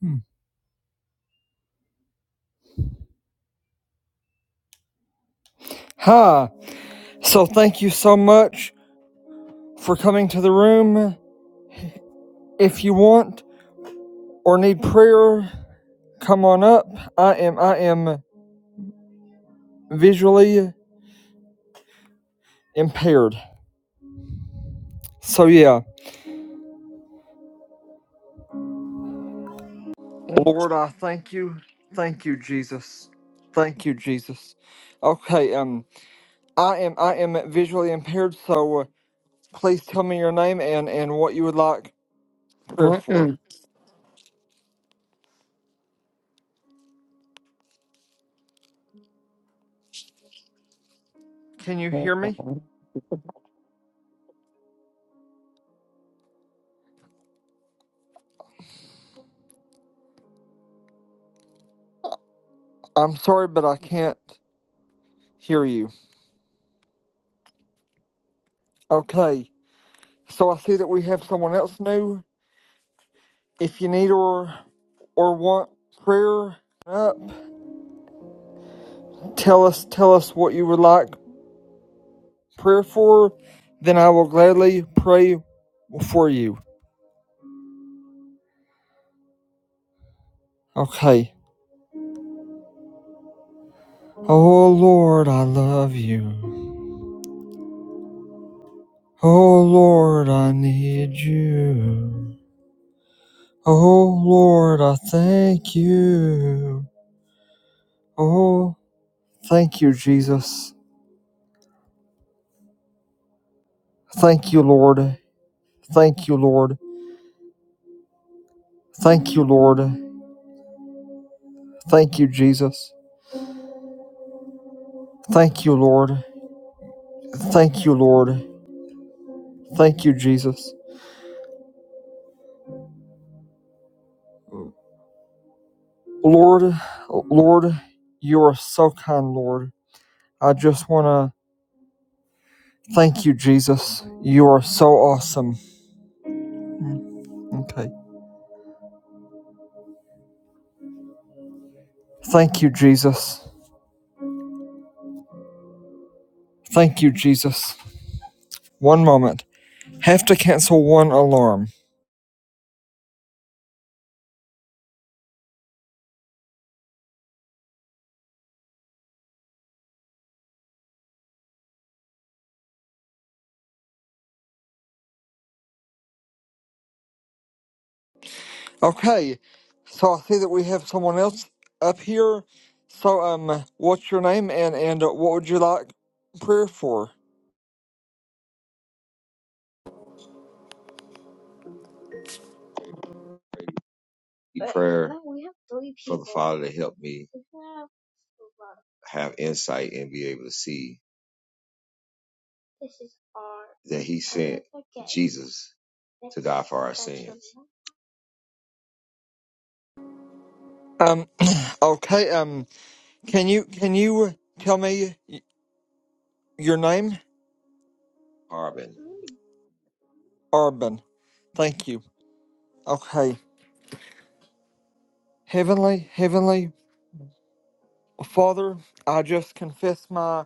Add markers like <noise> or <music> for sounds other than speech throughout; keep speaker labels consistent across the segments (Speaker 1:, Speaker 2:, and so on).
Speaker 1: Hmm. Hi. So thank you so much for coming to the room. If you want or need prayer, come on up. I am I am visually impaired. So yeah.
Speaker 2: Mm-mm.
Speaker 1: Lord, I thank you. Thank you, Jesus. Thank you, Jesus. Okay, um I am I am visually impaired, so uh, please tell me your name and and what you would like prayer for.
Speaker 2: Mm-mm.
Speaker 1: Can you hear me? I'm sorry, but I can't hear you. Okay. So I see that we have someone else new. If you need or or want prayer up, tell us tell us what you would like prayer for, then I will gladly pray for you. Okay. Oh Lord, I love you. Oh Lord, I need you. Oh Lord, I thank you. Oh, thank you, Jesus. Thank you, Lord. Thank you, Lord. Thank you, Lord. Thank you, Jesus. Thank you, Lord. Thank you, Lord. Thank you, Jesus. Lord, Lord, you are so kind, Lord. I just want to thank you, Jesus. You are so awesome. Okay. Thank you, Jesus. Thank you, Jesus. One moment. Have to cancel one alarm. Okay. So I see that we have someone else up here. So, um, what's your name and, and uh, what would you like prayer for?
Speaker 3: prayer for the Father to help me have insight and be able to see that He sent Jesus to die for our sins.
Speaker 1: Um, <clears throat> okay. Um, Can you can you uh, tell me y- your name?
Speaker 3: Carbon.
Speaker 1: Urban. Thank you. Okay. Heavenly, heavenly Father, I just confess my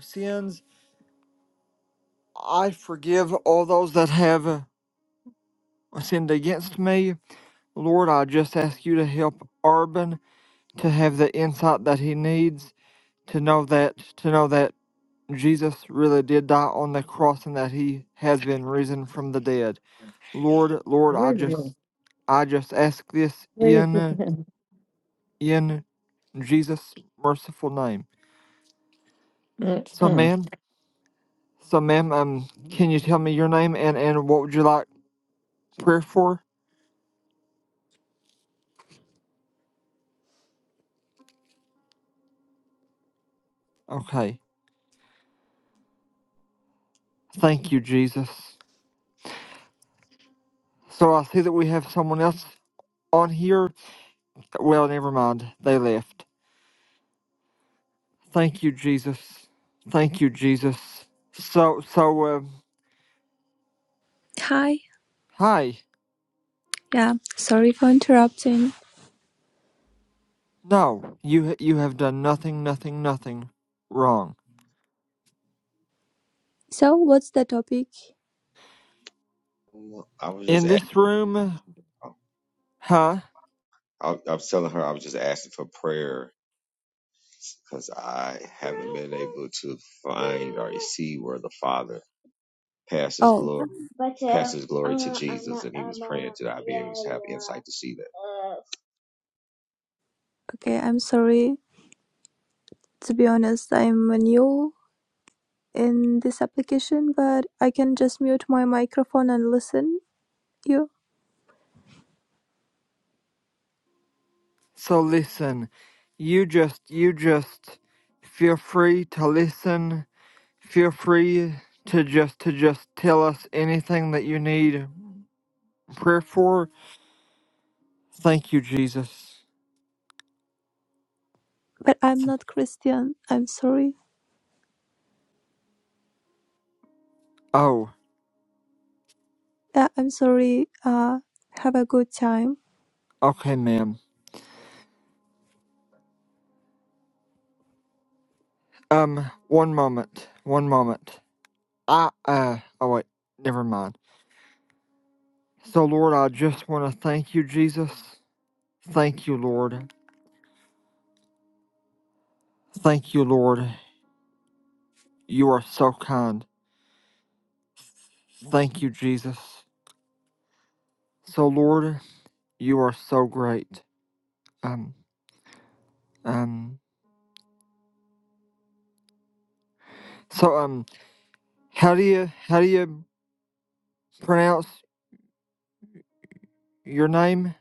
Speaker 1: sins. I forgive all those that have uh, sinned against me. Lord, I just ask you to help Urban to have the insight that he needs to know that to know that Jesus really did die on the cross and that he has been risen from the dead. Lord, Lord, I just I just ask this in
Speaker 2: Mm-mm.
Speaker 1: in Jesus' merciful name. So ma'am, so ma'am, um can you tell me your name and, and what would you like prayer for? Okay. Thank you, Jesus. So I see that we have someone else on here. Well, never mind. They left. Thank you, Jesus. Thank you, Jesus. So so um
Speaker 4: Hi.
Speaker 1: hi.
Speaker 4: Yeah, sorry for interrupting.
Speaker 1: No, you ha- you have done nothing, nothing, nothing wrong.
Speaker 4: So, what's the topic?
Speaker 3: I was just
Speaker 1: In
Speaker 3: asking,
Speaker 1: this room, Huh?
Speaker 3: I, I was telling her I was just asking for prayer because I haven't been able to find or see where the Father passes
Speaker 4: Oh,
Speaker 3: glory passes glory to Jesus, and He was praying that I'd be able to have insight to see that.
Speaker 4: okay. I'm sorry. To be honest, I'm new in this application, but I can just mute my microphone and listen you.
Speaker 1: So listen, you just, you just feel free to listen, feel free to just, to just tell us anything that you need prayer for. Thank you, Jesus.
Speaker 4: But I'm not Christian. I'm sorry.
Speaker 1: Oh,
Speaker 4: Yeah, I'm sorry. Uh, have a good time.
Speaker 1: okay, ma'am. Um, one moment, one moment. I, uh, oh wait, never mind. So Lord, I just want to thank you, Jesus. Thank you, Lord. Thank you, Lord. You are so kind. Thank you, Jesus. So Lord, you are so great. Um, um. So um, how do you how do you pronounce your name?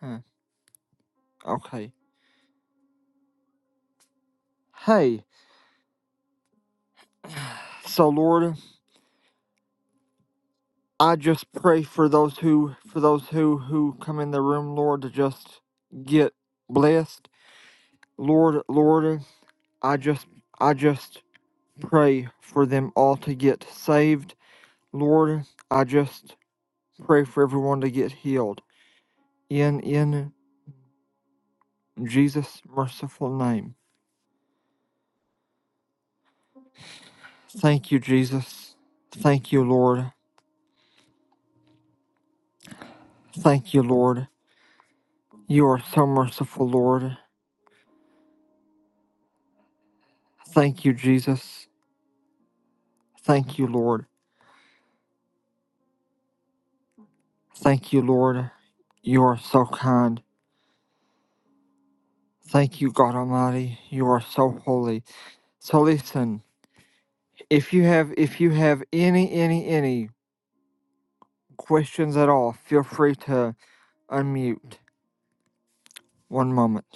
Speaker 1: Huh, okay. Hey. So Lord, I just pray for those who for those who who come in the room, Lord, to just get blessed. Lord, Lord, I just I just pray for them all to get saved. Lord, I just pray for everyone to get healed. In in Jesus' merciful name. Thank you, Jesus. Thank you, Lord. Thank you, Lord. You are so merciful, Lord. Thank you, Jesus. Thank you, Lord. Thank you, Lord. You are so kind. Thank you, God Almighty. You are so holy. So listen, if you have if you have any any any questions at all, feel free to unmute. One moment.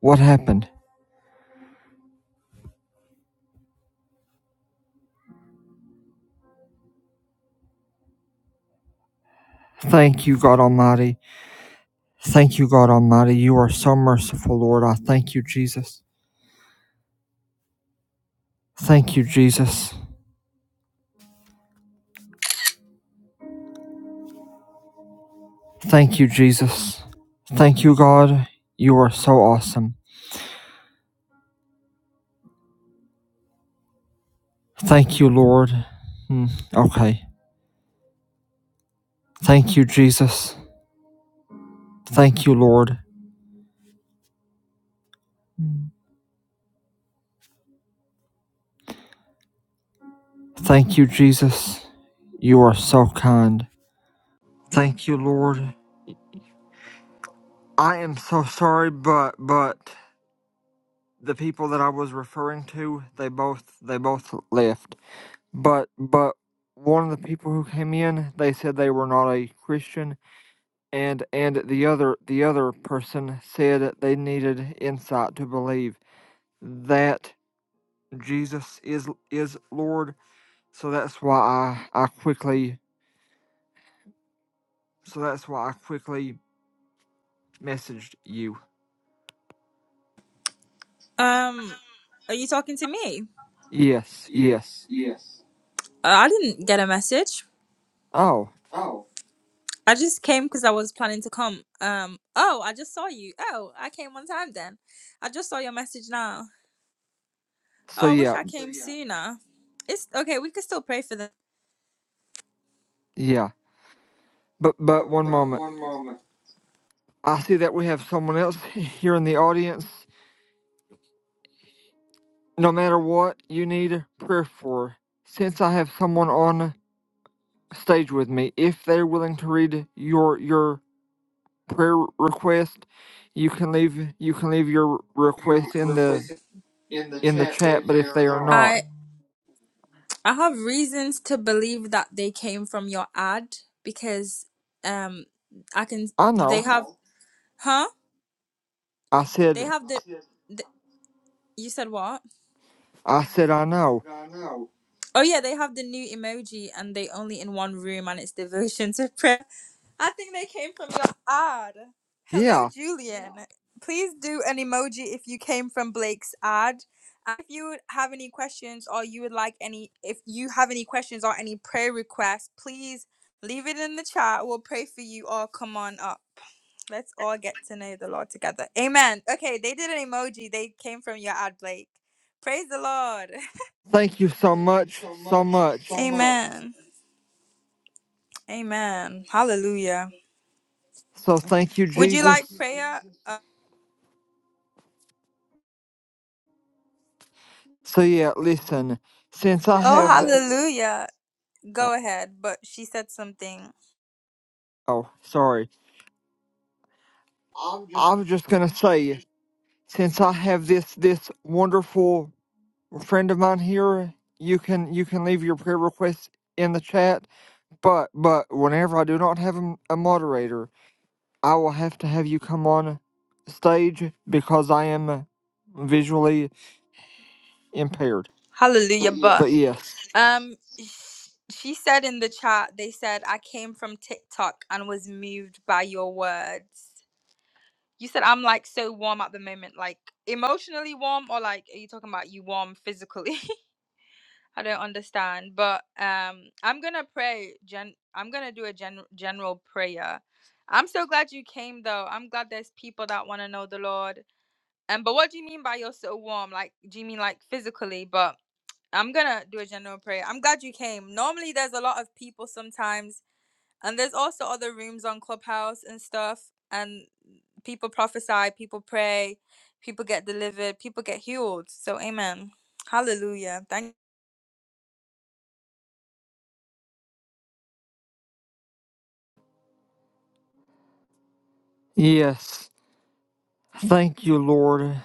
Speaker 1: What happened? Thank you, God Almighty. Thank you, God Almighty. You are so merciful, Lord. I thank you, Jesus. Thank you, Jesus. Thank you, Jesus. Thank you, God. You are so awesome. Thank you, Lord. Hmm, okay. Thank you, Jesus. Thank you, Lord. Thank you, Jesus. You are so kind. Thank you, Lord. I am so sorry, but but the people that I was referring to, they both they both left. But but one of the people who came in, they said they were not a Christian, and and the other the other person said they needed insight to believe that Jesus is is Lord. So that's why I I quickly so that's why I quickly messaged you.
Speaker 5: Um, are you talking to me?
Speaker 1: Yes,
Speaker 5: Yes,
Speaker 1: yes.
Speaker 5: yes. Uh, I didn't get a message.
Speaker 1: Oh,
Speaker 5: Oh, I just came because I was planning to come. Um, oh, I just saw you. Oh, I came one time then. I just saw your message now.
Speaker 1: so
Speaker 5: Oh, I wish
Speaker 1: yeah,
Speaker 5: I so came so, yeah. sooner. It's okay. We can still pray for them.
Speaker 1: yeah. But but
Speaker 5: But
Speaker 1: one
Speaker 5: but
Speaker 1: moment.
Speaker 5: one moment.
Speaker 1: I see that we have someone else <laughs> here in the audience. No matter what you need prayer for, since I have someone on stage with me, if they're willing to read your your prayer request, you can leave you can leave your
Speaker 5: You're
Speaker 1: request in the
Speaker 5: replacing in the
Speaker 1: in the
Speaker 5: chat, but
Speaker 1: chat.
Speaker 5: if
Speaker 1: But
Speaker 5: they
Speaker 1: if
Speaker 5: are
Speaker 1: they are
Speaker 5: not,
Speaker 1: not,
Speaker 5: I I have reasons to believe that they came from your ad because um I can
Speaker 1: I
Speaker 5: they
Speaker 1: know.
Speaker 5: have oh, huh?
Speaker 1: I
Speaker 5: They
Speaker 1: said
Speaker 5: have the, the you said what?
Speaker 1: I said I know.
Speaker 5: I know. Oh yeah, they have the new emoji and they only in one room and it's devotion to prayer. I think they came from your ad. Hello,
Speaker 1: Yeah.
Speaker 5: Julian. Please do an emoji if you came from Blake's ad. And If you have any questions or you would like any, if you have any questions or any prayer requests, please leave it in the chat. We'll pray for you or come on up. Let's all get to know the Lord together. Amen. Okay, they did an emoji. They came from your ad, Blake. Praise the Lord.
Speaker 1: Thank you so
Speaker 5: Thank you
Speaker 1: much,
Speaker 5: so
Speaker 1: so
Speaker 5: much. so
Speaker 1: much.
Speaker 5: much. Amen. Amen. Hallelujah.
Speaker 1: So thank you,
Speaker 5: So Would you thank like you,
Speaker 1: Jesus.
Speaker 5: prayer? Jesus.
Speaker 1: So yeah, listen. Since I
Speaker 5: Oh,
Speaker 1: have
Speaker 5: hallelujah.
Speaker 1: oh,
Speaker 5: Go ahead. But she said something.
Speaker 1: oh sorry, I was just gonna say since I have this this wonderful friend of mine here, you can you can leave your prayer request in the chat But but whenever I do not have a a moderator, I will have to have you come on stage because I am uh, visually impaired.
Speaker 5: Hallelujah. But
Speaker 1: But yes,
Speaker 5: um, sh- she said in the chat, they said, I came from TikTok and was moved by your words. You said, I'm like so warm at the moment, like emotionally warm, or like, are you talking about you warm physically? <laughs> I don't understand. But um, I'm going to pray. Gen- I'm going to do a gen- general prayer. I'm so glad you came, though. I'm glad there's people that want to know the Lord. Um, but what do you mean by you're so warm? Like, do you mean like physically? But I'm gonna do a general prayer. I'm glad you came. Normally, there's a lot of people sometimes, and there's also other rooms on Clubhouse and stuff. And people prophesy, people pray, people get delivered, people get healed. So, amen. Hallelujah. Thank
Speaker 1: yes. Thank you, Lord.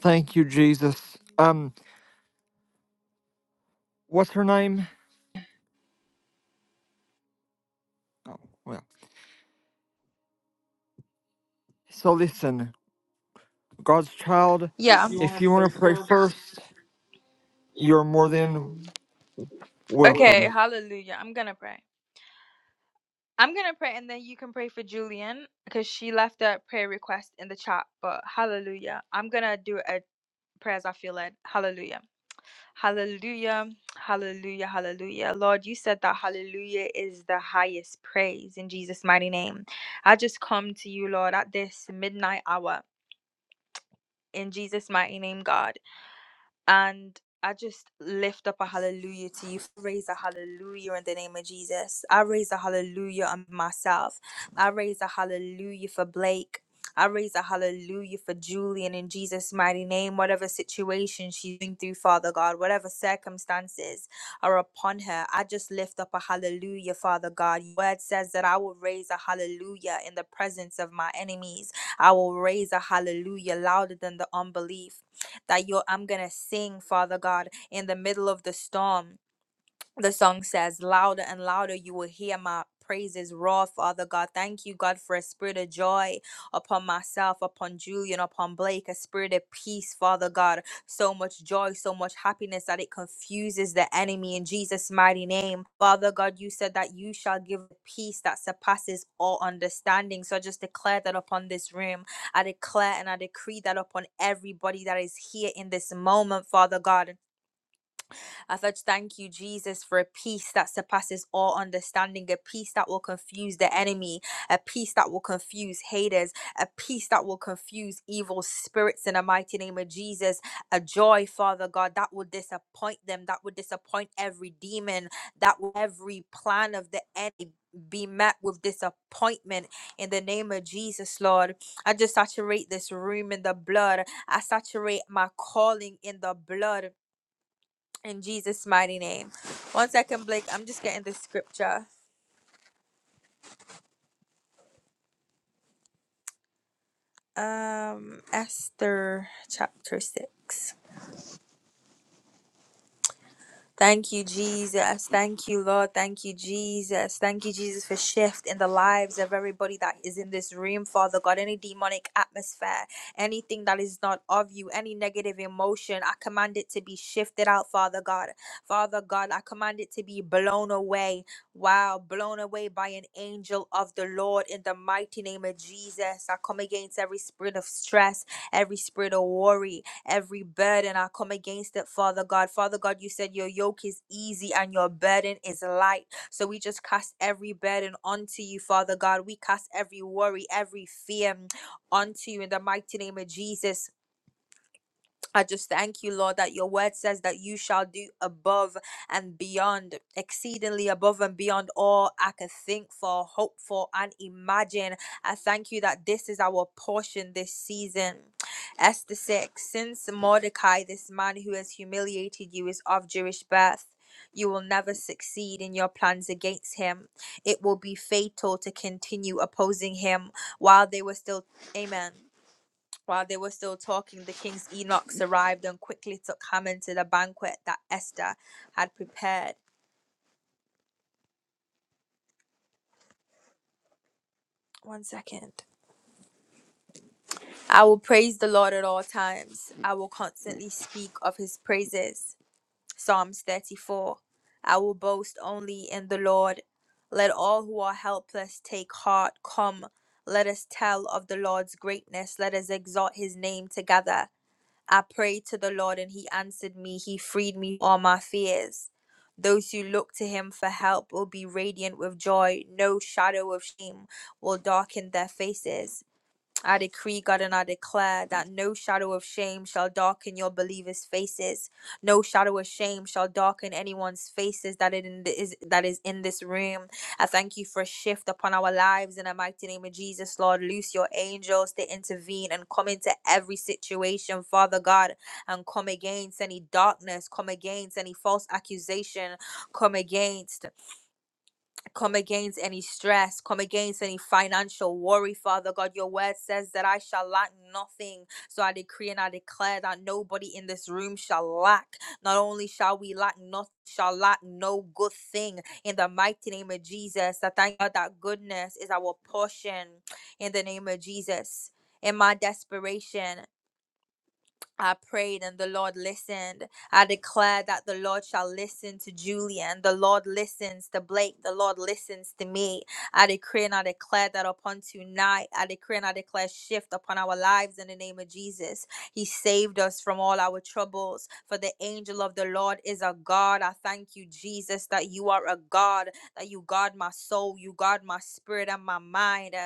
Speaker 1: Thank you, Jesus. Um, what's her name? Oh, well. So listen, God's child.
Speaker 5: yeah. You
Speaker 1: If
Speaker 5: want to
Speaker 1: you
Speaker 5: pray
Speaker 1: want to pray
Speaker 5: first?
Speaker 1: first,
Speaker 5: You
Speaker 1: you're more
Speaker 5: want them.
Speaker 1: than
Speaker 5: Okay,
Speaker 1: welcome.
Speaker 5: hallelujah. I'm gonna pray. I'm gonna pray and then you can pray for Julian because she left a prayer request in the chat. But hallelujah. I'm gonna do a prayer as I feel led. Hallelujah. Hallelujah. Hallelujah. Hallelujah. Lord, you said that hallelujah is the highest praise in Jesus' mighty name. I just come to you, Lord, at this midnight hour. In Jesus' mighty name, God. And I just lift up a hallelujah to you. Raise a hallelujah in the name of Jesus. I raise a hallelujah on myself. I raise a hallelujah for Blake. I raise a hallelujah for Julian in Jesus' mighty name. Whatever situation she's going through, Father God, whatever circumstances are upon her, I just lift up a hallelujah, Father God. Your word says that I will raise a hallelujah in the presence of my enemies. I will raise a hallelujah louder than the unbelief that you I'm going to sing, Father God, in the middle of the storm the song says, Louder and louder you will hear my praises roar, Father God. Thank you, God, for a spirit of joy upon myself, upon Julian, upon Blake, a spirit of peace, Father God. So much joy, so much happiness that it confuses the enemy in Jesus' mighty name. Father God, you said that you shall give peace that surpasses all understanding. So I just declare that upon this room. I declare and I decree that upon everybody that is here in this moment, Father God. I first thank you, Jesus, for a peace that surpasses all understanding, a peace that will confuse the enemy, a peace that will confuse haters, a peace that will confuse evil spirits in the mighty name of Jesus, a joy, Father God, that would disappoint them, that would disappoint every demon, that would every plan of the enemy. Be met with disappointment in the name of Jesus, Lord. I just saturate this room in the blood. I saturate my calling in the blood in Jesus' mighty name. One second, Blake. I'm just getting the scripture. Um, Esther chapter 6. Thank you, Jesus. Thank you, Lord. Thank you, Jesus. Thank you, Jesus, for shift in the lives of everybody that is in this room, Father God. Any demonic atmosphere, anything that is not of you, any negative emotion, I command it to be shifted out, Father God. Father God, I command it to be blown away. Wow, blown away by an angel of the Lord in the mighty name of Jesus. I come against every spirit of stress, every spirit of worry, every burden. I come against it, Father God. Father God, you said your yoke is easy and your burden is light. So we just cast every burden onto you, Father God. We cast every worry, every fear mm, onto you in the mighty name of Jesus. I just thank you, Lord, that your word says that you shall do above and beyond, exceedingly above and beyond all I could think for, hope for, and imagine. I thank you that this is our portion this season. Esther 6 Since Mordecai, this man who has humiliated you, is of Jewish birth, you will never succeed in your plans against him. It will be fatal to continue opposing him while they were still. Amen. While they were still talking, the king's eunuchs arrived and quickly took Haman to the banquet that Esther had prepared. One second. I will praise the Lord at all times. I will constantly speak of his praises. Psalms 34. I will boast only in the Lord. Let all who are helpless take heart. Come, let us tell of the Lord's greatness. Let us exalt his name together. I prayed to the Lord and he answered me. He freed me from all my fears. Those who look to him for help will be radiant with joy. No shadow of shame will darken their faces. I decree, God, and I declare that no shadow of shame shall darken your believers' faces. No shadow of shame shall darken anyone's faces that it in is that is in this room. I thank you for a shift upon our lives in the mighty name of Jesus, Lord. Loose your angels to intervene and come into every situation, Father God, and come against any darkness, come against any false accusation, come against. Come against any stress, come against any financial worry, Father God. Your word says that I shall lack nothing. So I decree and I declare that nobody in this room shall lack. Not only shall we lack nothing, shall lack no good thing in the mighty name of Jesus. That thank God that goodness is our portion in the name of Jesus. In my desperation, I prayed and the Lord listened. I declare that the Lord shall listen to Julian. The Lord listens to Blake. The Lord listens to me. I decree and I declare that upon tonight, I decree and I declare shift upon our lives in the name of Jesus. He saved us from all our troubles. For the angel of the Lord is a God. I thank you, Jesus, that you are a God, that you guard my soul, you guard my spirit and my mind. Uh,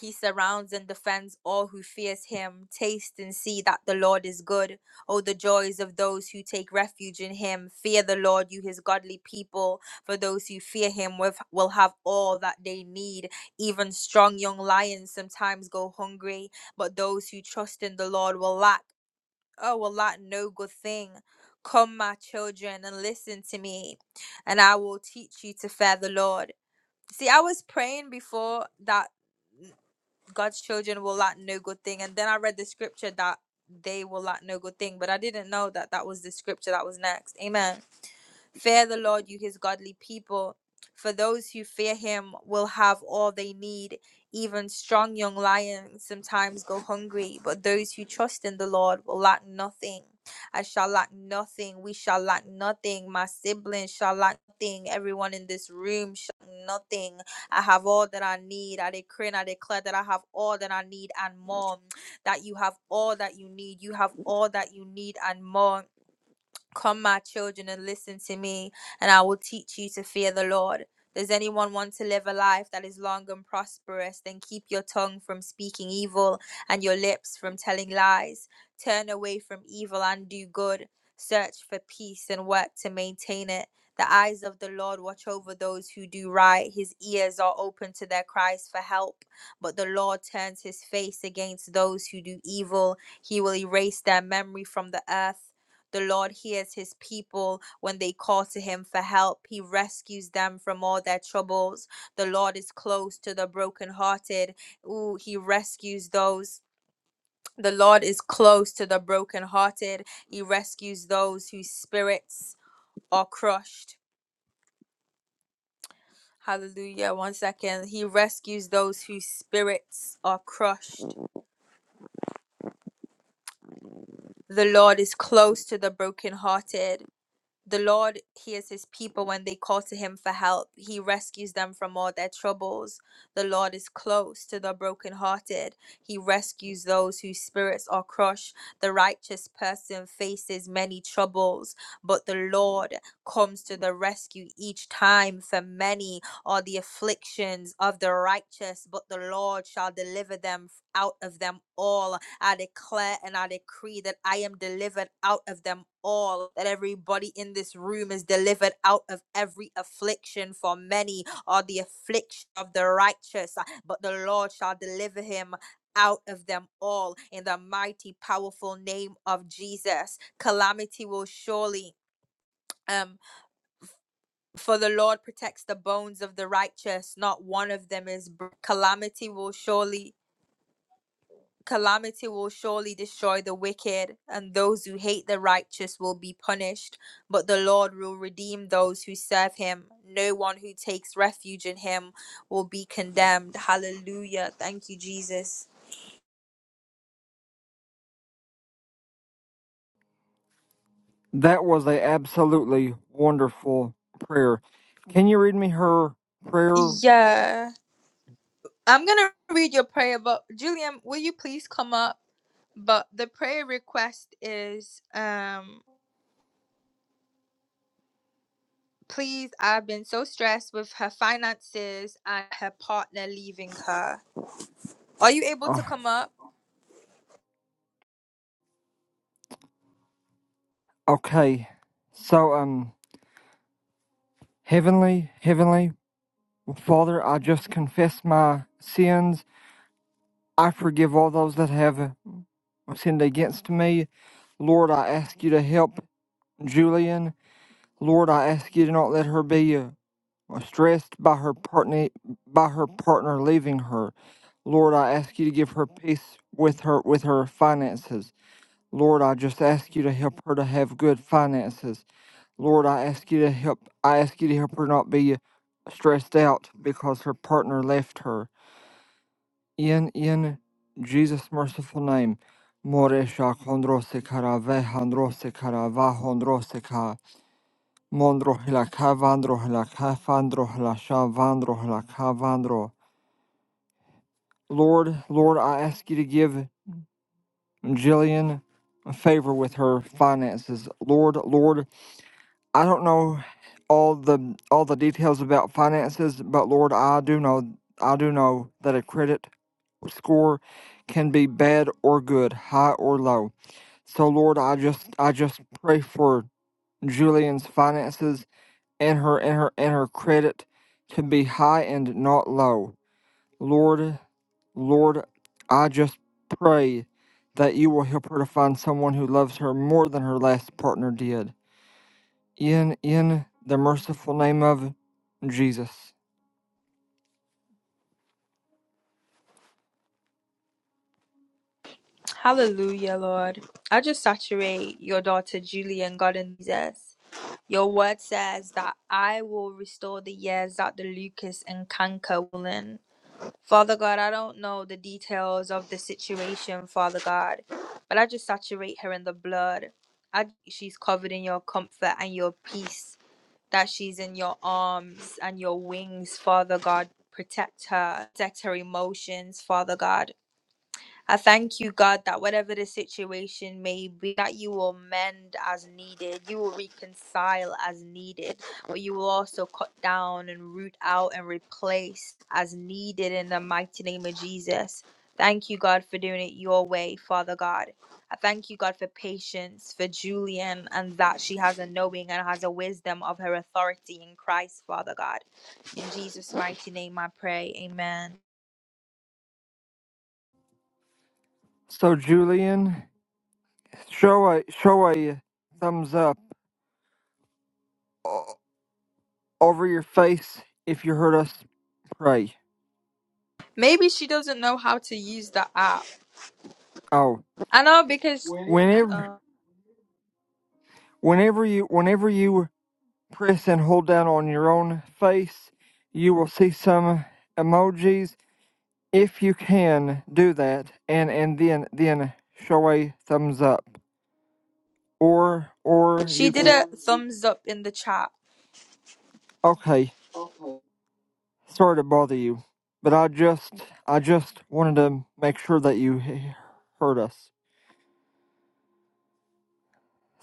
Speaker 5: he surrounds and defends all who fears him. Taste and see that the Lord is good. Oh, the joys of those who take refuge in him. Fear the Lord, you his godly people. For those who fear him with, will have all that they need. Even strong young lions sometimes go hungry, but those who trust in the Lord will lack, oh, will lack no good thing. Come, my children, and listen to me, and I will teach you to fear the Lord. See, I was praying before that. God's children will lack no good thing. And then I read the scripture that they will lack no good thing, but I didn't know that that was the scripture that was next. Amen. Fear the Lord, you his godly people, for those who fear him will have all they need. Even strong young lions sometimes go hungry, but those who trust in the Lord will lack nothing. I shall lack nothing. We shall lack nothing. My siblings shall lack nothing. Everyone in this room shall lack nothing. I have all that I need. I decree and I declare that I have all that I need and more. That you have all that you need. You have all that you need and more Come, my children, and listen to me, and I will teach you to fear the Lord. Does anyone want to live a life that is long and prosperous? Then keep your tongue from speaking evil and your lips from telling lies. Turn away from evil and do good. Search for peace and work to maintain it. The eyes of the Lord watch over those who do right. His ears are open to their cries for help. But the Lord turns his face against those who do evil. He will erase their memory from the earth. The Lord hears his people when they call to him for help. He rescues them from all their troubles. The Lord is close to the brokenhearted. Ooh, he rescues those. The Lord is close to the brokenhearted. He rescues those whose spirits are crushed. Hallelujah. One second. He rescues those whose spirits are crushed. The Lord is close to the brokenhearted. The Lord hears his people when they call to him for help. He rescues them from all their troubles. The Lord is close to the brokenhearted. He rescues those whose spirits are crushed. The righteous person faces many troubles, but the Lord comes to the rescue each time. For many are the afflictions of the righteous, but the Lord shall deliver them out of them all. I declare and I decree that I am delivered out of them all, that everybody in this room is delivered out of every affliction, for many are the affliction of the righteous, uh, but the Lord shall deliver him. Out of them all in the mighty, powerful name of Jesus. Calamity will surely um, for the Lord protects the bones of the righteous, not one of them is bro- calamity will surely Calamity will surely destroy the wicked, and those who hate the righteous will be punished. But the Lord will redeem those who serve him. No one who takes refuge in him will be condemned. Hallelujah. Thank you, Jesus.
Speaker 1: That was a absolutely wonderful prayer. Can you read me her prayer?
Speaker 5: Yeah. I'm going to read your prayer, but Julian, will you please come up? But the prayer request is um please I've been so stressed with her finances and her partner leaving her. Are you able
Speaker 1: Uh,
Speaker 5: to come up?
Speaker 1: Okay. So, um, Heavenly, Heavenly Father, I just confess my sins. I forgive all those that have sinned against me. Lord, I ask you to help Julian. Lord, I ask you to not let her be uh, stressed by her partner by her partner leaving her. Lord, I ask you to give her peace with her with her finances. Lord, I just ask you to help her to have good finances. Lord, I ask you to help. I ask you to help her not be uh, stressed out because her partner left her. In in Jesus' merciful name, Moresha kondrose kara vehandrose kara vahondrose ka mondrohila ka vandrohila ka vandrohila sha vandrohila ka vandro. Lord, Lord, I ask you to give Jillian favor with her finances. Lord, Lord, I don't know all the all the details about finances, but Lord, I do know I do know that a credit score can be bad or good, high or low. So Lord, I just I just pray for Julian's finances and her and her and her credit to be high and not low. Lord, Lord, I just pray that you will help her to find someone who loves her more than her last partner did in in the merciful name of Jesus.
Speaker 5: Hallelujah, Lord. I just saturate your daughter Julie and God and Jesus. Your word says that I will restore the years that the Lucas and canker will in. Father God, I don't know the details of the situation, Father God, but I just saturate her in the blood. I, she's covered in your comfort and your peace, that she's in your arms and your wings, Father God. Protect her, protect her emotions, Father God I thank you, God, that whatever the situation may be, that you will mend as needed, you will reconcile as needed, but you will also cut down and root out and replace as needed in the mighty name of Jesus. Thank you, God, for doing it your way, Father God. I thank you, God, for patience for Julian and that she has a knowing and has a wisdom of her authority in Christ, Father God. In Jesus' mighty name I pray. Amen.
Speaker 1: So Julian, show a show a thumbs up o- over your face if you heard us pray.
Speaker 5: Maybe she doesn't know how to use the app
Speaker 1: Oh,
Speaker 5: I know because
Speaker 1: whenever
Speaker 5: uh,
Speaker 1: whenever you whenever you press and hold down on your own face, you will see some emojis. If you can do that, and and then then show a thumbs up, or or
Speaker 5: she
Speaker 1: you
Speaker 5: did a thumbs up in the chat.
Speaker 1: okay Sorry to bother you, but I just I just wanted to make sure that you heard us.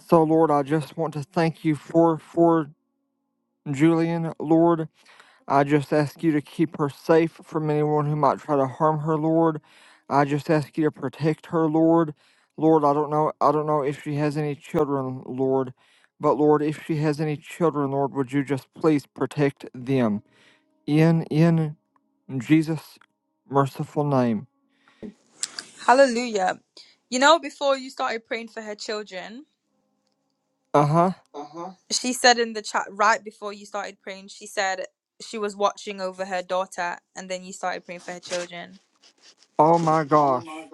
Speaker 1: So Lord, I just want to thank you for for Julian, Lord. I just ask you to keep her safe from anyone who might try to harm her, Lord. I just ask you to protect her, Lord. Lord, I don't know I don't know if she has any children, Lord. But Lord, if she has any children, Lord, would you just please protect them? In in Jesus merciful name.
Speaker 5: Hallelujah. You know, before you started praying for her children,
Speaker 1: Uh huh.
Speaker 5: she said in the chat right before you started praying, she said she was watching over her daughter, and then you started praying for her children.
Speaker 1: Oh my gosh.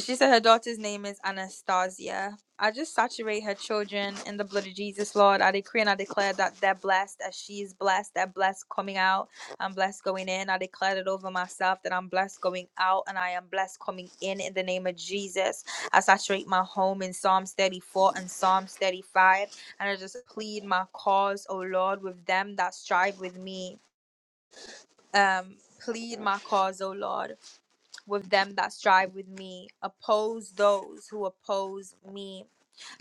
Speaker 5: She said her daughter's name is Anastasia. I just saturate her children in the blood of Jesus, Lord. I decree and I declare that they're blessed, as she is blessed, They're blessed coming out, I'm blessed going in. I declare it over myself that I'm blessed going out and I am blessed coming in in the name of Jesus. I saturate my home in Psalms 34 and Psalms 35, and I just plead my cause, O Lord, with them that strive with me. Um, plead my cause, O Lord with them that strive with me. Oppose those who oppose me.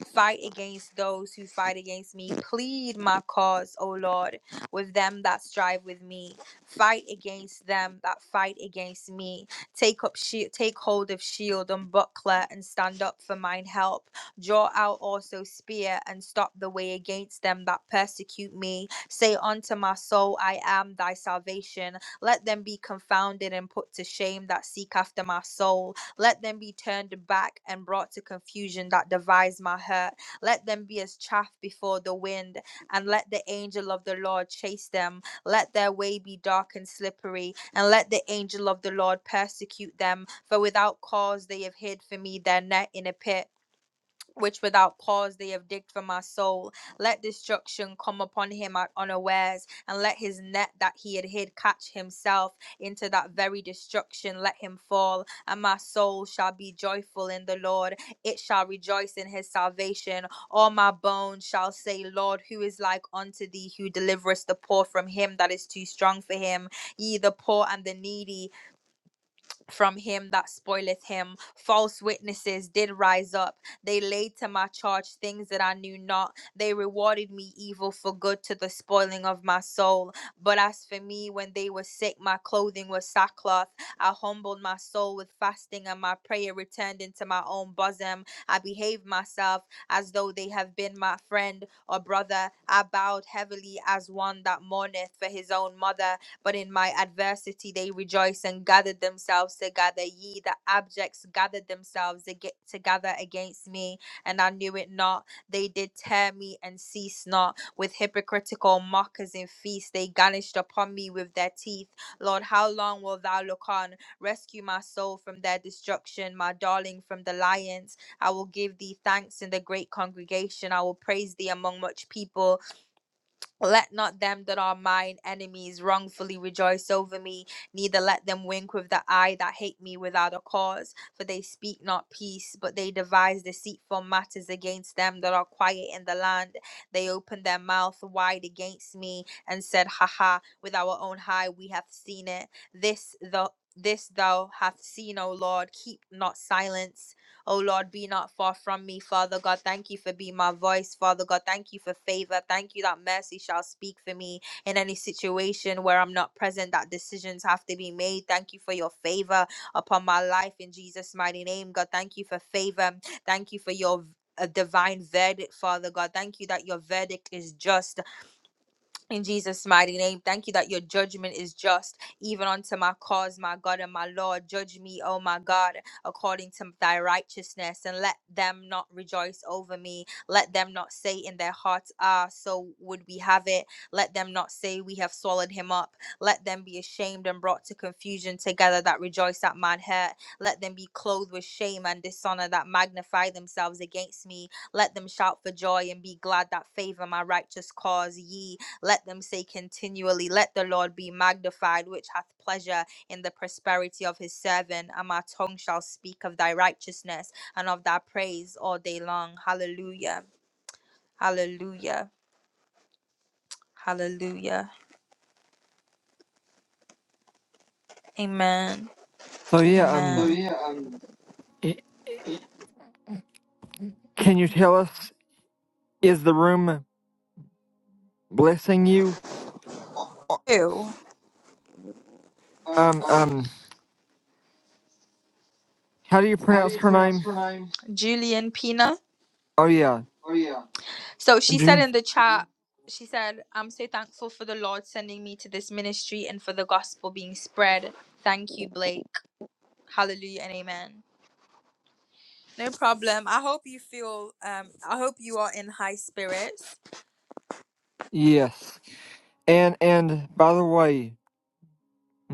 Speaker 5: Fight against those who fight against me. Plead my cause, O Lord, with them that strive with me. Fight against them that fight against me. Take up shi take hold of shield and buckler and stand up for mine help. Draw out also spear and stop the way against them that persecute me. Say unto my soul, I am thy salvation. Let them be confounded and put to shame that seek after my soul let them be turned back and brought to confusion that devised my hurt. Let them be as chaff before the wind, and let the angel of the Lord chase them. Let their way be dark and slippery, and let the angel of the Lord persecute them. For without cause they have hid for me their net in a pit which without cause they have digged for my soul. Let destruction come upon him at unawares, and let his net that he had hid catch himself into that very destruction. Let him fall, and my soul shall be joyful in the Lord. It shall rejoice in his salvation. All my bones shall say, Lord, who is like unto thee, who deliverest the poor from him that is too strong for him, ye the poor and the needy, from him that spoileth him. False witnesses did rise up. They laid to my charge things that I knew not. They rewarded me evil for good to the spoiling of my soul. But as for me, when they were sick, my clothing was sackcloth. I humbled my soul with fasting, and my prayer returned into my own bosom. I behaved myself as though they have been my friend or brother. I bowed heavily as one that mourneth for his own mother. But in my adversity, they rejoice and gathered themselves together. Ye, the abjects, gathered themselves ag- together against me, and I knew it not. They did tear me and cease not. With hypocritical mockers in feast, they garnished upon me with their teeth. Lord, how long wilt thou look on? Rescue my soul from their destruction, my darling from the lions. I will give thee thanks in the great congregation. I will praise thee among much people. Let not them that are mine enemies wrongfully rejoice over me, neither let them wink with the eye that hate me without a cause. For they speak not peace, but they devise deceitful matters against them that are quiet in the land. They open their mouth wide against me and said, Ha ha! with our own eye we have seen it. This thou this thou hast seen, O Lord, keep not silence. Oh Lord, be not far from me, Father God. Thank you for being my voice, Father God. Thank you for favor. Thank you that mercy shall speak for me in any situation where I'm not present, that decisions have to be made. Thank you for your favor upon my life in Jesus' mighty name, God. Thank you for favor. Thank you for your. A divine verdict, Father God. Thank you that your verdict is just. In Jesus' mighty name, thank you that your judgment is just, even unto my cause, my God and my Lord. Judge me, O my God, according to thy righteousness, and let them not rejoice over me. Let them not say in their hearts, Ah, so would we have it. Let them not say, We have swallowed him up. Let them be ashamed and brought to confusion together that rejoice at mine hurt. Let them be clothed with shame and dishonor that magnify themselves against me. Let them shout for joy and be glad that favor my righteous cause. Ye, let them say continually, Let the Lord be magnified, which hath pleasure in the prosperity of his servant. And my tongue shall speak of thy righteousness and of thy praise all day long. Hallelujah. Hallelujah. Hallelujah. Amen.
Speaker 1: So yeah,
Speaker 5: Amen.
Speaker 1: um,
Speaker 5: Oh yeah, um,
Speaker 1: i- can you tell us is the room blessing you? Uh,
Speaker 5: Who? Um,
Speaker 1: Um,
Speaker 5: um,
Speaker 1: um, how do you
Speaker 5: how do
Speaker 1: pronounce
Speaker 5: you
Speaker 1: her
Speaker 5: pronounce
Speaker 1: name?
Speaker 5: her name? Julian Pina.
Speaker 1: Oh yeah,
Speaker 5: Oh, yeah. So she said
Speaker 1: Ju.
Speaker 5: in the chat, she said, I'm so thankful for the Lord sending me to this ministry and for the gospel being spread. Thank you, Blake. Hallelujah and amen. No problem. I hope you feel, um, I hope you are in high spirits.
Speaker 1: Yes, and and by the way,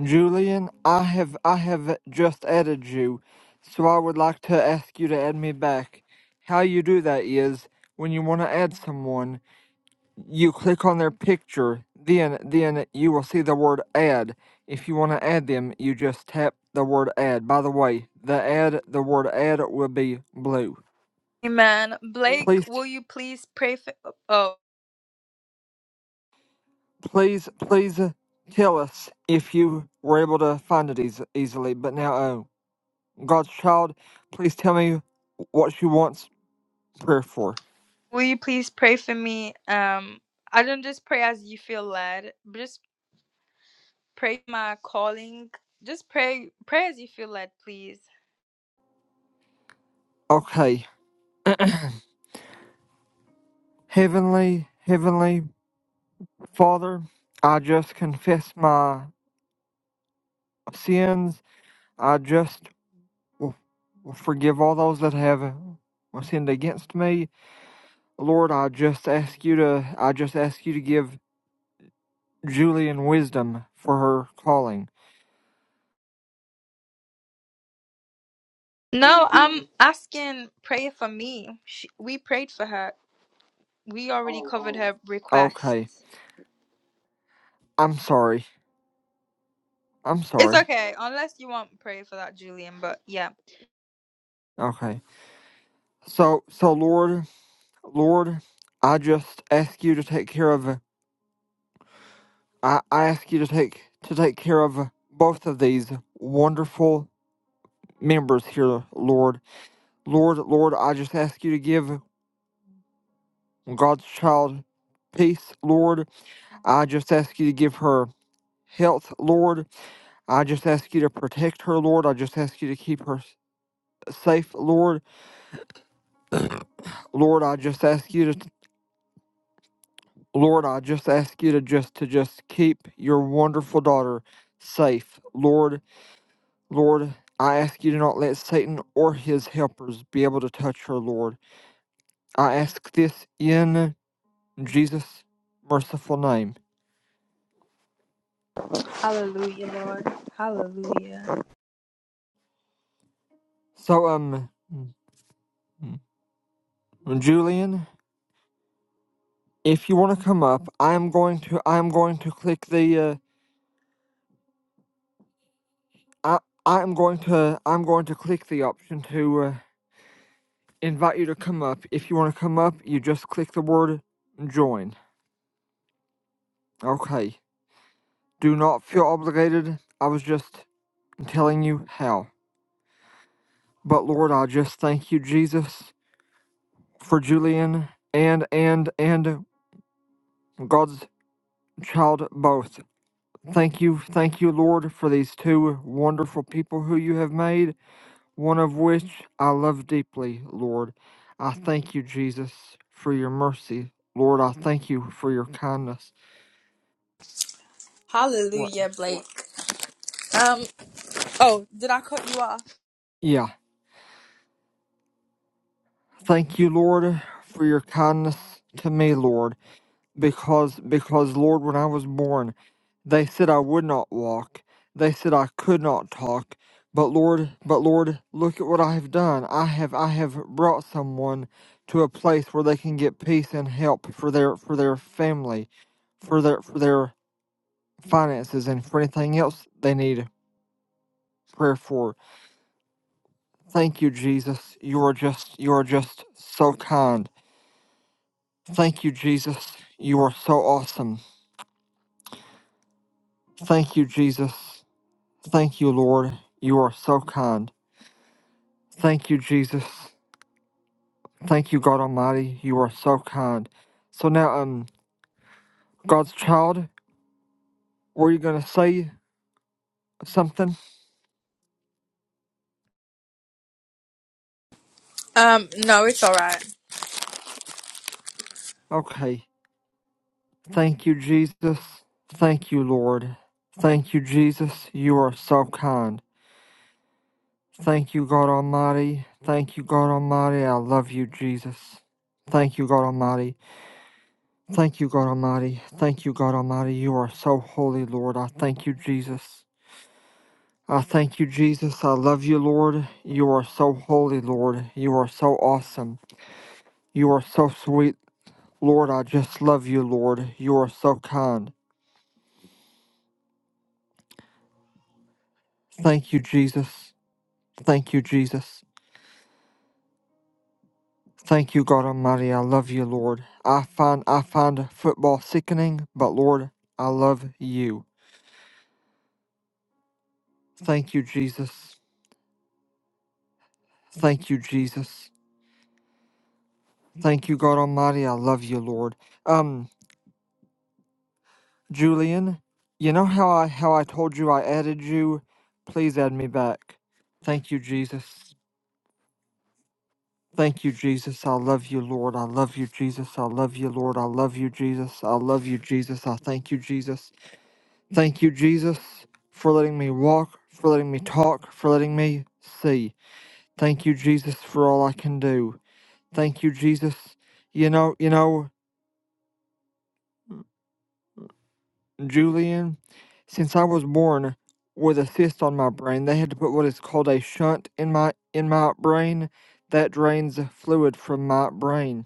Speaker 1: Julian, I have I have just added you, so I would like to ask you to add me back. How you do that is when you want to add someone, you click on their picture, then then you will see the word add. If you want to add them, you just tap the word add. By the way, the ad the word add will be blue.
Speaker 5: Amen. Blake,
Speaker 1: Please
Speaker 5: will you please pray for, oh, oh,
Speaker 1: please please uh, tell us if you were able to find it eas easily. But now, oh God's child, please tell me what you want prayer for.
Speaker 5: will you please pray for me? Um, I don't just pray as you feel led, but just pray my calling. Just pray, pray as you feel led, please.
Speaker 1: Okay, heavenly heavenly Father, I just confess my sins. I just Forgive all those that have uh, sinned against me. Lord, I just ask you to I just ask you to give Julian wisdom for her calling.
Speaker 5: No, <laughs> I'm asking prayer for me. She, we prayed for her. We already Oh, covered her
Speaker 1: Okay.
Speaker 5: requests.
Speaker 1: I'm sorry. I'm
Speaker 5: It's
Speaker 1: sorry.
Speaker 5: okay, unless you want prayer for that, Julian. But yeah,
Speaker 1: Okay. So so Lord Lord, I just ask you to take care of I, I ask you to take to take care of both of these wonderful members here, Lord. Lord, Lord, I just ask you to give God's child peace, Lord. I just ask you to give her health, Lord. I just ask you to protect her, Lord. I just ask you to keep her s- safe, Lord. Lord, I just ask you to, Lord, I just ask you to just to just keep your wonderful daughter safe, Lord. Lord, I ask you to not let Satan or his helpers be able to touch her, Lord. I ask this in Jesus' merciful name.
Speaker 5: Hallelujah, Lord, Hallelujah.
Speaker 1: So, um, mm, mm, Julian. if you want to come up, I'm going to I'm going to click the uh, I I'm going to I'm going to click the option to uh, invite you to come up. If you want to come up, you just click the word join. Okay. Do not feel obligated. I was just telling you how. But Lord, I just thank you, Jesus, for Julian and and and God's child both. Thank you, thank you, Lord, for these two wonderful people who you have made. one of which I love deeply, Lord. I thank you, Jesus, for your mercy. Lord, I thank you for your kindness. What?
Speaker 5: Hallelujah, Blake. Um, oh, did I cut you off?
Speaker 1: Yeah. Thank you, Lord, for your kindness to me, Lord. Because because Lord, when I was born, they said I would not walk. They said I could not talk. But Lord, but Lord, look at what I have done. I have I have brought someone to a place where they can get peace and help for their for their family, for their for their finances and for anything else they need prayer for. Thank you, Jesus. You are just you are just so kind. Thank you, Jesus. You are so awesome. Thank you, Jesus. Thank you, Lord. You are so kind. Thank you, Jesus. Thank you, God Almighty. You are so kind. So now, um, God's child, were you gonna say something?
Speaker 5: Um, no, it's all right.
Speaker 1: Okay. Thank you, Jesus. Thank you, Lord. Thank you, Jesus. You are so kind. Thank you, God Almighty. Thank you, God Almighty. I love you, Jesus. Thank you, God Almighty. Thank you, God Almighty. Thank you, God Almighty. You are so holy, Lord. I thank you, Jesus. I thank you, Jesus. I love you, Lord. You are so holy, Lord. You are so awesome. You are so sweet, Lord. I just love you, Lord. You are so kind. Thank you, Jesus. Thank you, Jesus. Thank you, God Almighty. I love you, Lord. I find I find football sickening, but Lord, I love you. Thank you, Jesus. Thank you, Jesus. Thank you, God Almighty. I love you, Lord. Um, Julian, you know how I how I told you I added you? Please add me back. Thank you, Jesus. Thank you, Jesus. I love you, Lord. I love you, Jesus. I love you, Lord. I love you, Jesus. I love you, Jesus. I thank you, Jesus. Thank you, Jesus, for letting me walk, for letting me talk, for letting me see. Thank you, Jesus, for all I can do. Thank you, Jesus. You know, you know, Julian, since I was born with a cyst on my brain, they had to put what is called a shunt in my in my brain that drains fluid from my brain.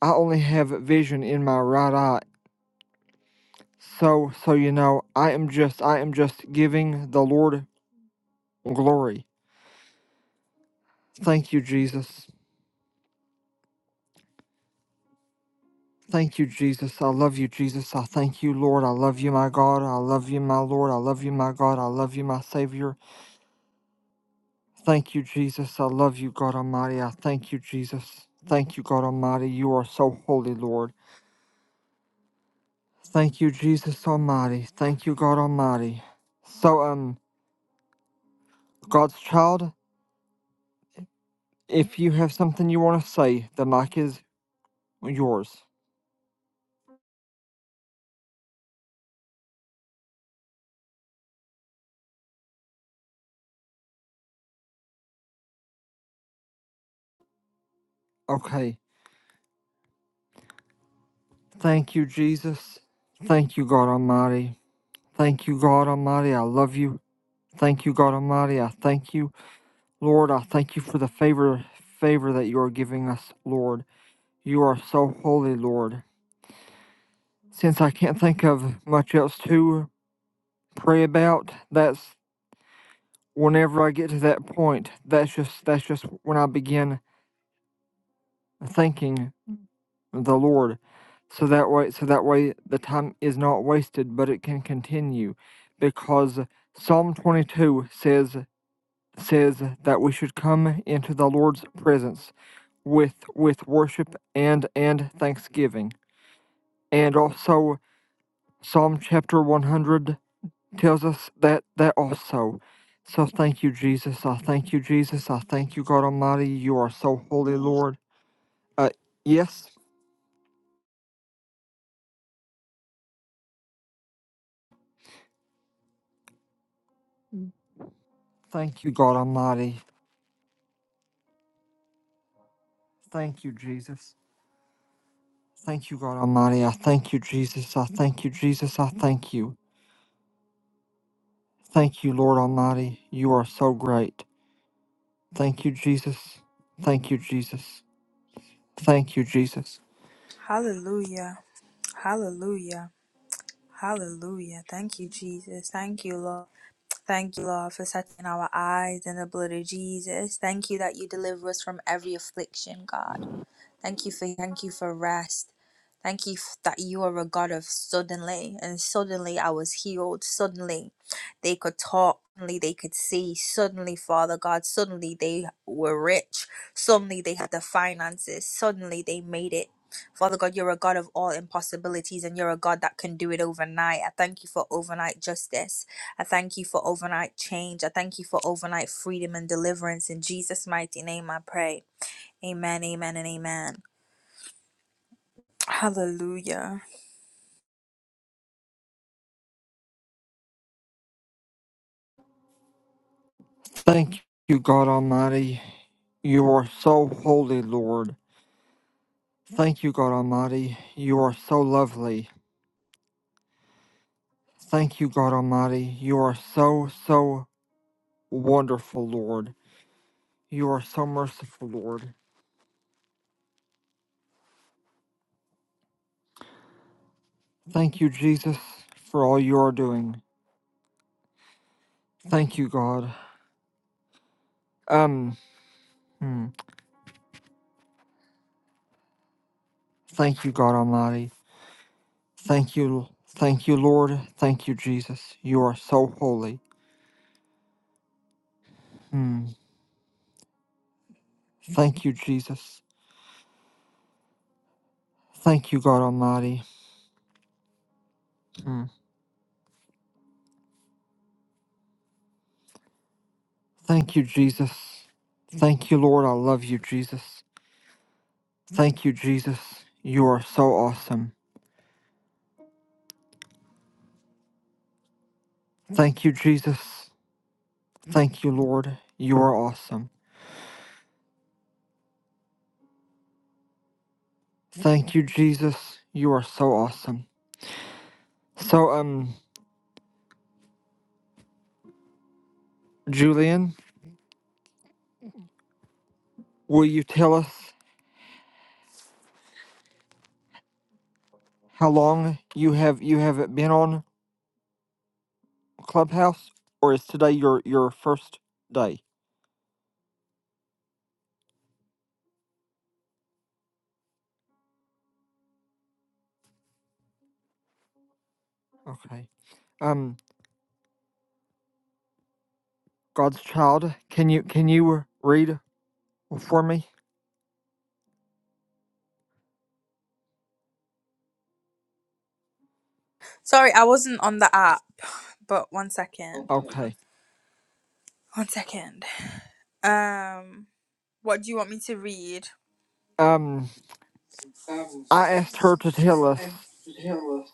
Speaker 1: I only have vision in my right eye. So so you know, I am just I am just giving the Lord glory. Thank you, Jesus. Thank you, Jesus. I love you, Jesus. I thank you, Lord. I love you, my God. I love you, my Lord. I love you, my God. I love you, my Savior. Thank you, Jesus. I love you, God Almighty. I thank you, Jesus. Thank you, God Almighty. You are so holy, Lord. Thank you, Jesus Almighty. Thank you, God Almighty. So, um, God's child, if you have something you want to say, the mic is yours. Okay. Thank you, Jesus. Thank you, God Almighty. Thank you, God Almighty. I love you. Thank you, God Almighty. I thank you, Lord. I thank you for the favor favor that you are giving us, Lord. You are so holy, Lord. Since I can't think of much else to pray about, that's whenever I get to that point, that's just that's just when I begin thanking the Lord. So that way so that way the time is not wasted, but it can continue. Because Psalm twenty two says says that we should come into the Lord's presence with with worship and and thanksgiving. And also Psalm chapter 100 tells us that that also. So thank you Jesus. I thank you Jesus. I thank you God Almighty. You are so holy Lord. Uh yes, thank you God Almighty. Thank you Jesus. Thank you God Almighty. I thank you Jesus. I thank you Jesus. I thank you. Thank you Lord Almighty. You are so great. Thank you, Jesus. Thank you, Jesus. Thank you, Jesus.
Speaker 5: Hallelujah. Hallelujah. Hallelujah. Thank you, Jesus. Thank you, Lord. Thank you, Lord, for setting our eyes in the blood of Jesus. Thank you that you deliver us from every affliction, God. Thank you for thank you for rest. Thank you f- that you are a God of suddenly, and suddenly I was healed. Suddenly they could talk, suddenly they could see, suddenly, Father God, suddenly they were rich, suddenly they had the finances, suddenly they made it. Father God, you're a God of all impossibilities, and you're a God that can do it overnight. I thank you for overnight justice. I thank you for overnight change. I thank you for overnight freedom and deliverance. In Jesus' mighty name, I pray. Amen, amen, and amen. Hallelujah.
Speaker 1: Thank you, God Almighty. You are so holy, Lord. Thank you, God Almighty. You are so lovely. Thank you, God Almighty. You are so, so wonderful, Lord. You are so merciful, Lord. Thank you, Jesus, for all you are doing. Thank you, God. Um, hmm. thank you, God Almighty. Thank you, thank you, Lord. Thank you, Jesus. You are so holy. Mm. Thank you, Jesus. Thank you, God Almighty. Mm. Thank you, Jesus. Thank you, Lord. I love you, Jesus. Thank you, Jesus. You are so awesome. Thank you, Jesus. Thank you, Lord. You are awesome. Thank you, Jesus. You are so awesome. So, um, Julian, will you tell us how long you have you have been on Clubhouse, or is today your your first day? Okay. Um, God's child. Can you can you read for me?
Speaker 5: Sorry, I wasn't on the app, but one second. Okay.
Speaker 1: Okay.
Speaker 5: One second. Um, what do you want me to read?
Speaker 1: Um,
Speaker 5: Um,
Speaker 1: I asked her to tell us
Speaker 5: if Hilda,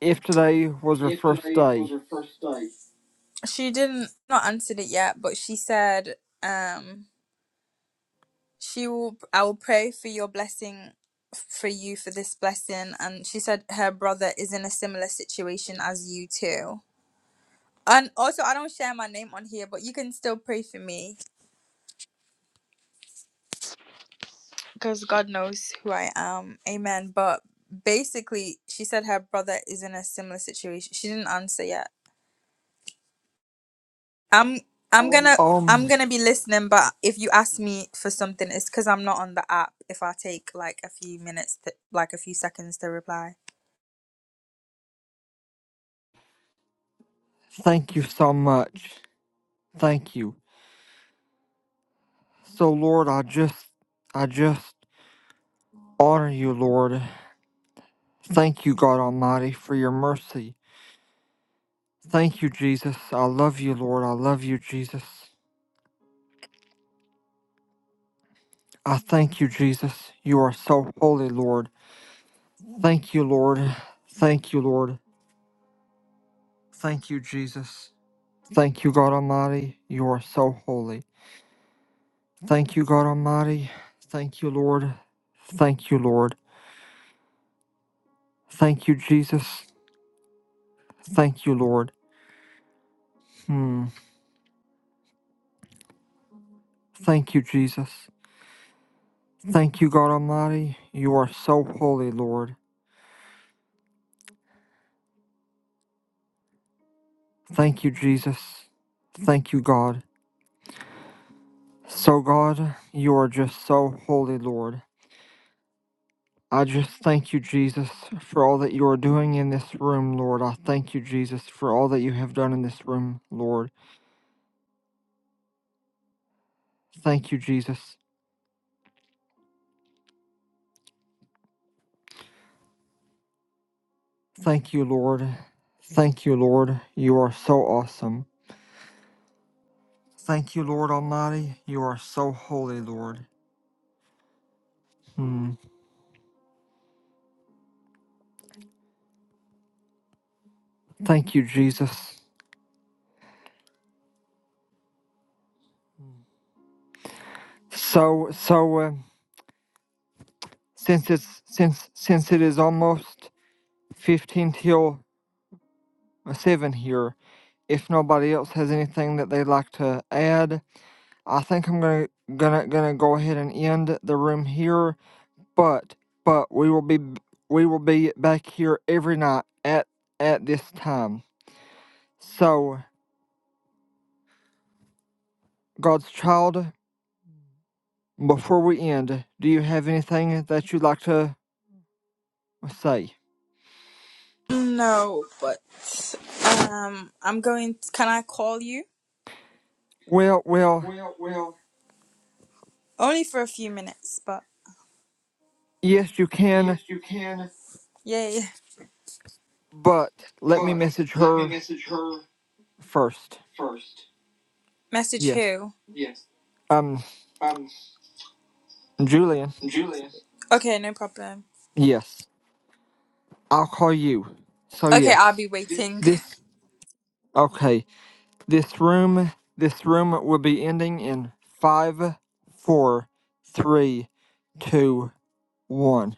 Speaker 1: if today was her
Speaker 5: if
Speaker 1: first
Speaker 5: today was
Speaker 1: day.
Speaker 5: her first day, She didn't not answered it yet, but she said, um, she will. I will pray for your blessing, for you for this blessing. And she said her brother is in a similar situation as you too. And also, I don't share my name on here, but you can still pray for me. because God knows who I am. Amen. But basically, she said her brother is in a similar situation. She didn't answer yet. I'm I'm Oh, gonna
Speaker 1: Um,
Speaker 5: I'm gonna be listening, but if you ask me for something, it's because I'm not on the app. If I take like a few minutes, to, like a few seconds to reply.
Speaker 1: thank you so much. Thank you. So Lord, I just I just honor you, Lord. Thank you, God Almighty, for your mercy. Thank you, Jesus. I love you, Lord. I love you, Jesus. I thank you, Jesus. You are so holy, Lord. Thank you, Lord. Thank you, Lord. Thank you, Jesus. Thank you, God Almighty. You are so holy. Thank you, God Almighty. Thank you, Lord. Thank you, Lord. Thank you, Jesus. Thank you, Lord. Hmm. Thank you, Jesus. Thank you, God Almighty. You are so holy, Lord. Thank you, Jesus. Thank you, God. So, God, you are just so holy, Lord. I just thank you, Jesus, for all that you are doing in this room, Lord. I thank you, Jesus, for all that you have done in this room, Lord. Thank you, Jesus. Thank you, Lord. Thank you, Lord. You are so awesome. Thank you, Lord Almighty. You are so holy, Lord. Hmm. Thank you, Jesus. So, so uh, since it's since since it is almost fifteen till uh, seven here. If nobody else has anything that they'd like to add, I think I'm gonna gonna gonna go ahead and end the room here. But but we will be we will be back here every night at at this time. So, God's child, before we end, do you have anything that you'd like to say?
Speaker 5: No, but um, I'm going. can I call you?
Speaker 1: Well, well,
Speaker 5: Well, well. Only for a few minutes, but.
Speaker 1: yes, you can,
Speaker 5: Yes, you can. Yeah, yeah.
Speaker 1: but let me
Speaker 5: But
Speaker 1: message
Speaker 5: let me
Speaker 1: her
Speaker 5: message her
Speaker 1: first.
Speaker 5: first. Message
Speaker 1: Yes.
Speaker 5: who? Yes.
Speaker 1: Um,
Speaker 5: Um,
Speaker 1: Julian.
Speaker 5: Julius. Okay, no problem.
Speaker 1: Yes. I'll call you. So
Speaker 5: Okay, I'll
Speaker 1: yes.
Speaker 5: be waiting.
Speaker 1: This okay. This room. This room will be ending in five, four, three, two, one.